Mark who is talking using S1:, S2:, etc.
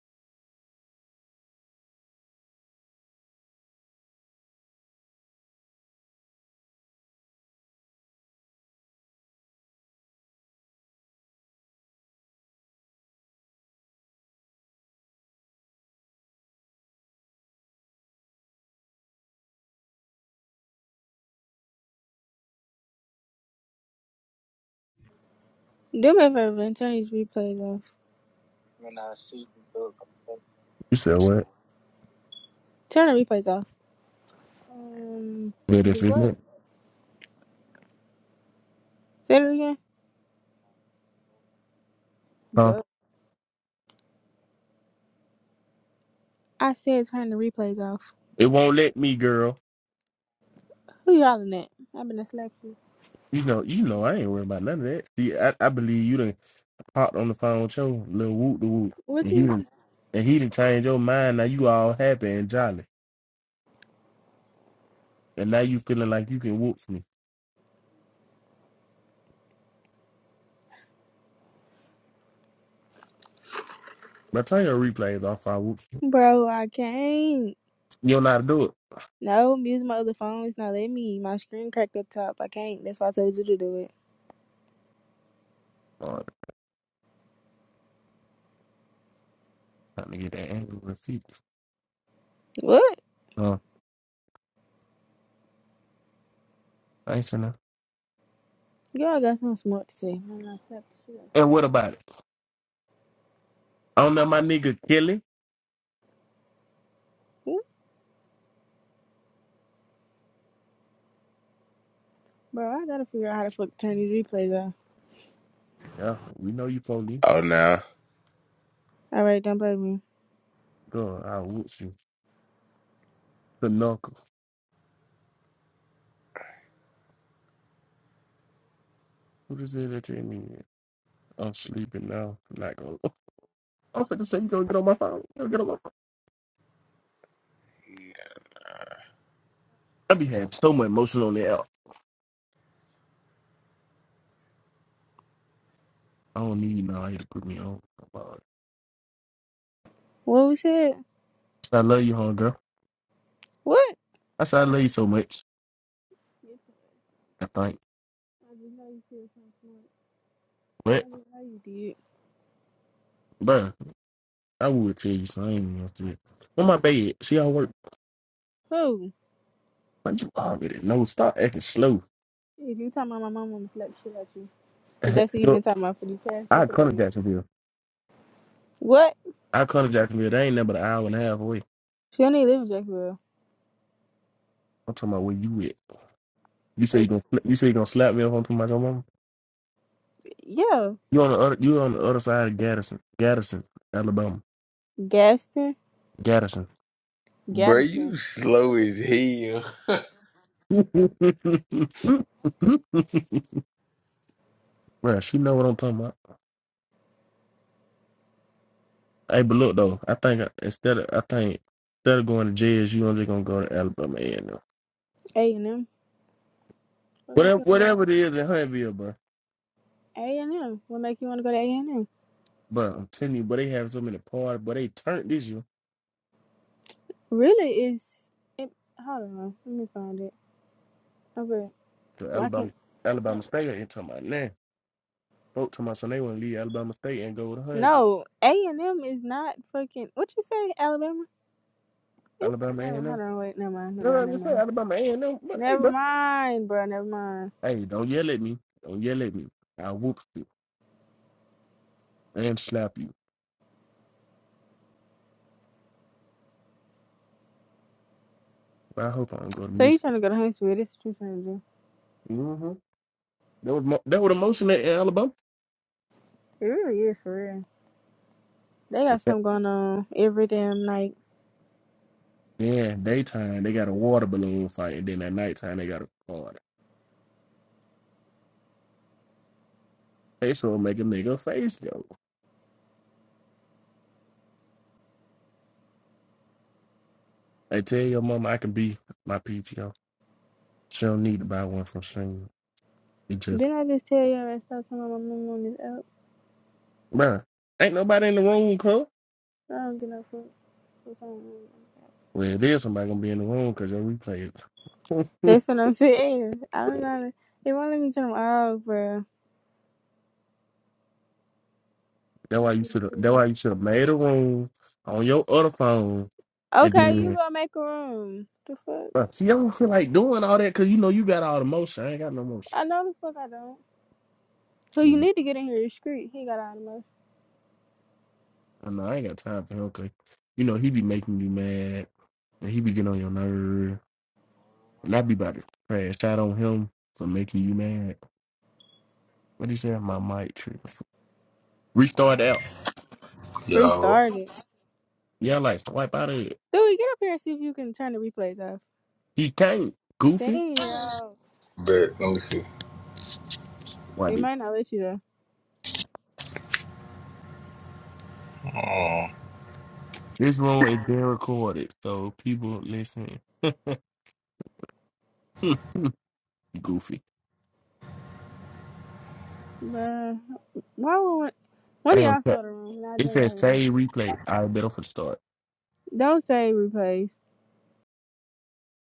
S1: Do me a favor and turn these replays off.
S2: You said what?
S1: Turn the replays off. Um,
S2: But if
S1: do
S2: it
S1: what?
S2: let,
S1: Say it again.
S2: huh?
S1: Duh. I said turn the replays off.
S2: It won't let me, girl.
S1: Who you hollering at? I'm gonna slap you.
S2: You know, you know, I ain't worried about none of that. See, I, I believe you done popped on the phone with your little whoop the whoop,
S1: What
S2: and he
S1: you?
S2: done, and he done changed your mind. Now you all happy and jolly, and now you feeling like you can whoop me. By the time your replays off, I whoop you.
S1: Bro, I can't.
S2: You don't know how to do it.
S1: No, I'm using my other phone. It's not letting me. My screen cracked up top. I can't. That's why I told you to do it.
S2: Oh, I'm trying to get that angry receipt.
S1: What?
S2: Uh, I ain't saying enough.
S1: Y'all got something smart to say. I'm gonna slap the shit out of
S2: And
S1: you.
S2: what about it? I don't know my nigga Kelly.
S1: Ooh, Bro, I gotta figure out how to fuck turn these replays off.
S2: Yeah, we know you police.
S3: Oh, nah.
S1: All right, don't play with me.
S2: Girl, I whoop you. The knuckle. Who does that you me? I'm sleeping now. I'm not gonna. I'm finna say you gonna get on my phone. You gonna get on my phone. I be having so much emotion on that. I don't need you now. to put me on. Come on.
S1: What we said?
S2: I said, I love you, homegirl.
S1: What?
S2: I said I love you so much. I think.
S1: I just know you said something smart.
S2: But,
S1: I just know you did.
S2: bruh, I would tell you so I ain't even gonna say it. On my bed, she all work.
S1: Who?
S2: Like you already know. Stop acting slow.
S1: If you talking about my mom, I'ma slap the shit at you. Cause
S2: you
S1: that's what you've
S2: know,
S1: been talking about for the past
S2: I
S1: couple
S2: come to
S1: days.
S2: Jacksonville.
S1: What?
S2: I come to Jacksonville. They ain't never an hour and a half away.
S1: She only live in Jacksonville.
S2: I'm talking about where you at. You say you
S1: Oh,
S2: gonna fl- you say you gonna slap me if I'm talking about your mama.
S1: yeah.
S2: You on the other you on the other side of Gaddison, Gaddison, Alabama.
S1: Gaston.
S2: Gaddison.
S3: Bro, you
S1: Gadsden.
S3: slow
S1: Fuck it.
S3: as hell.
S2: Bruh, she know what I'm talking about. Hey, but look though, I think I- instead of I think instead of going to JSU, I'm just gonna go to Alabama A and M.
S1: A and M. What make
S2: Whatever,
S1: you wanna go to
S2: whatever it is in Huntsville, bro.
S1: A and M? What make you wanna go to A and M?
S2: But I'm telling you, but they have so many parties, but they turned this year
S1: Really? Is it? Hold on. Let me find it. Okay.
S2: to
S1: Well, I
S2: Alabama,
S1: can't.
S2: Alabama State. Ain't talking about now. Folk talking about so they want to leave Alabama State and go to Huntsville,
S1: No, A and M is not fucking. What you say, Alabama? It's
S2: Alabama A
S1: never.
S2: and
S1: Hold
S2: M.
S1: on. Wait. Never mind. Never
S2: No, I
S1: mind. Never
S2: just say
S1: mind.
S2: Alabama A and M. But hey,
S1: Never
S2: bro,
S1: mind, bro. Never mind.
S2: hey, don't yell at me. Don't yell at me. I will whoop you and slap you. But I hope I don't go to
S1: So
S2: Michigan.
S1: you trying to go to Huntsville? This is what you trying to do?
S2: Mm-hmm. That was mo- that was the motion at Alabama.
S1: It really is for real. They got
S2: Yeah,
S1: something going on every damn night.
S2: yeah, daytime they got a water balloon fight, and then at nighttime they got a party. They sure make a nigga face go. I tell your mama I can be my PTO. She don't need to buy one from Shane. It just,
S1: Didn't I just tell y'all that stop talking about my mom on this app?
S2: bruh, ain't nobody in the room, cuz.
S1: I don't get no fuck. what's on my mama.
S2: Well, there's somebody gonna be in the room because your replay is.
S1: That's what I'm saying. I don't know. They won't let me turn them off, bro.
S2: that
S1: I
S2: why you
S1: just
S2: should have.
S1: see
S2: That
S1: this.
S2: why you should have made a room on your other phone, and
S1: Okay, you
S2: then.
S1: gonna make a room. The fuck?
S2: bruh, See, I don't feel like doing all that because you know you got all the motion. I ain't got no
S1: I
S2: motion.
S1: know the fuck I don't. Who you need to get in here is Street. He got out of most.
S2: I know I ain't got time for him 'cause, you know he be making you mad and he be getting on your nerve. And I be about to crash out on him for making you mad. What he said, my mic trick. Restart out.
S4: Yo,
S1: Restart it.
S2: Yeah, like swipe out of it.
S1: Stewie, get up here and see if you can turn the replays off.
S2: He can't. Goofy.
S1: Damn.
S4: but let me see.
S2: Why
S1: They
S2: did
S1: might not let you though.
S4: Mm.
S2: this room is being recorded, so people listen. Goofy.
S1: Bruh. Why would one of
S2: Damn,
S1: y'all start a room and I
S2: it
S1: join
S2: says
S1: y'all room?
S2: save replay. I better for the start.
S1: Don't say replace.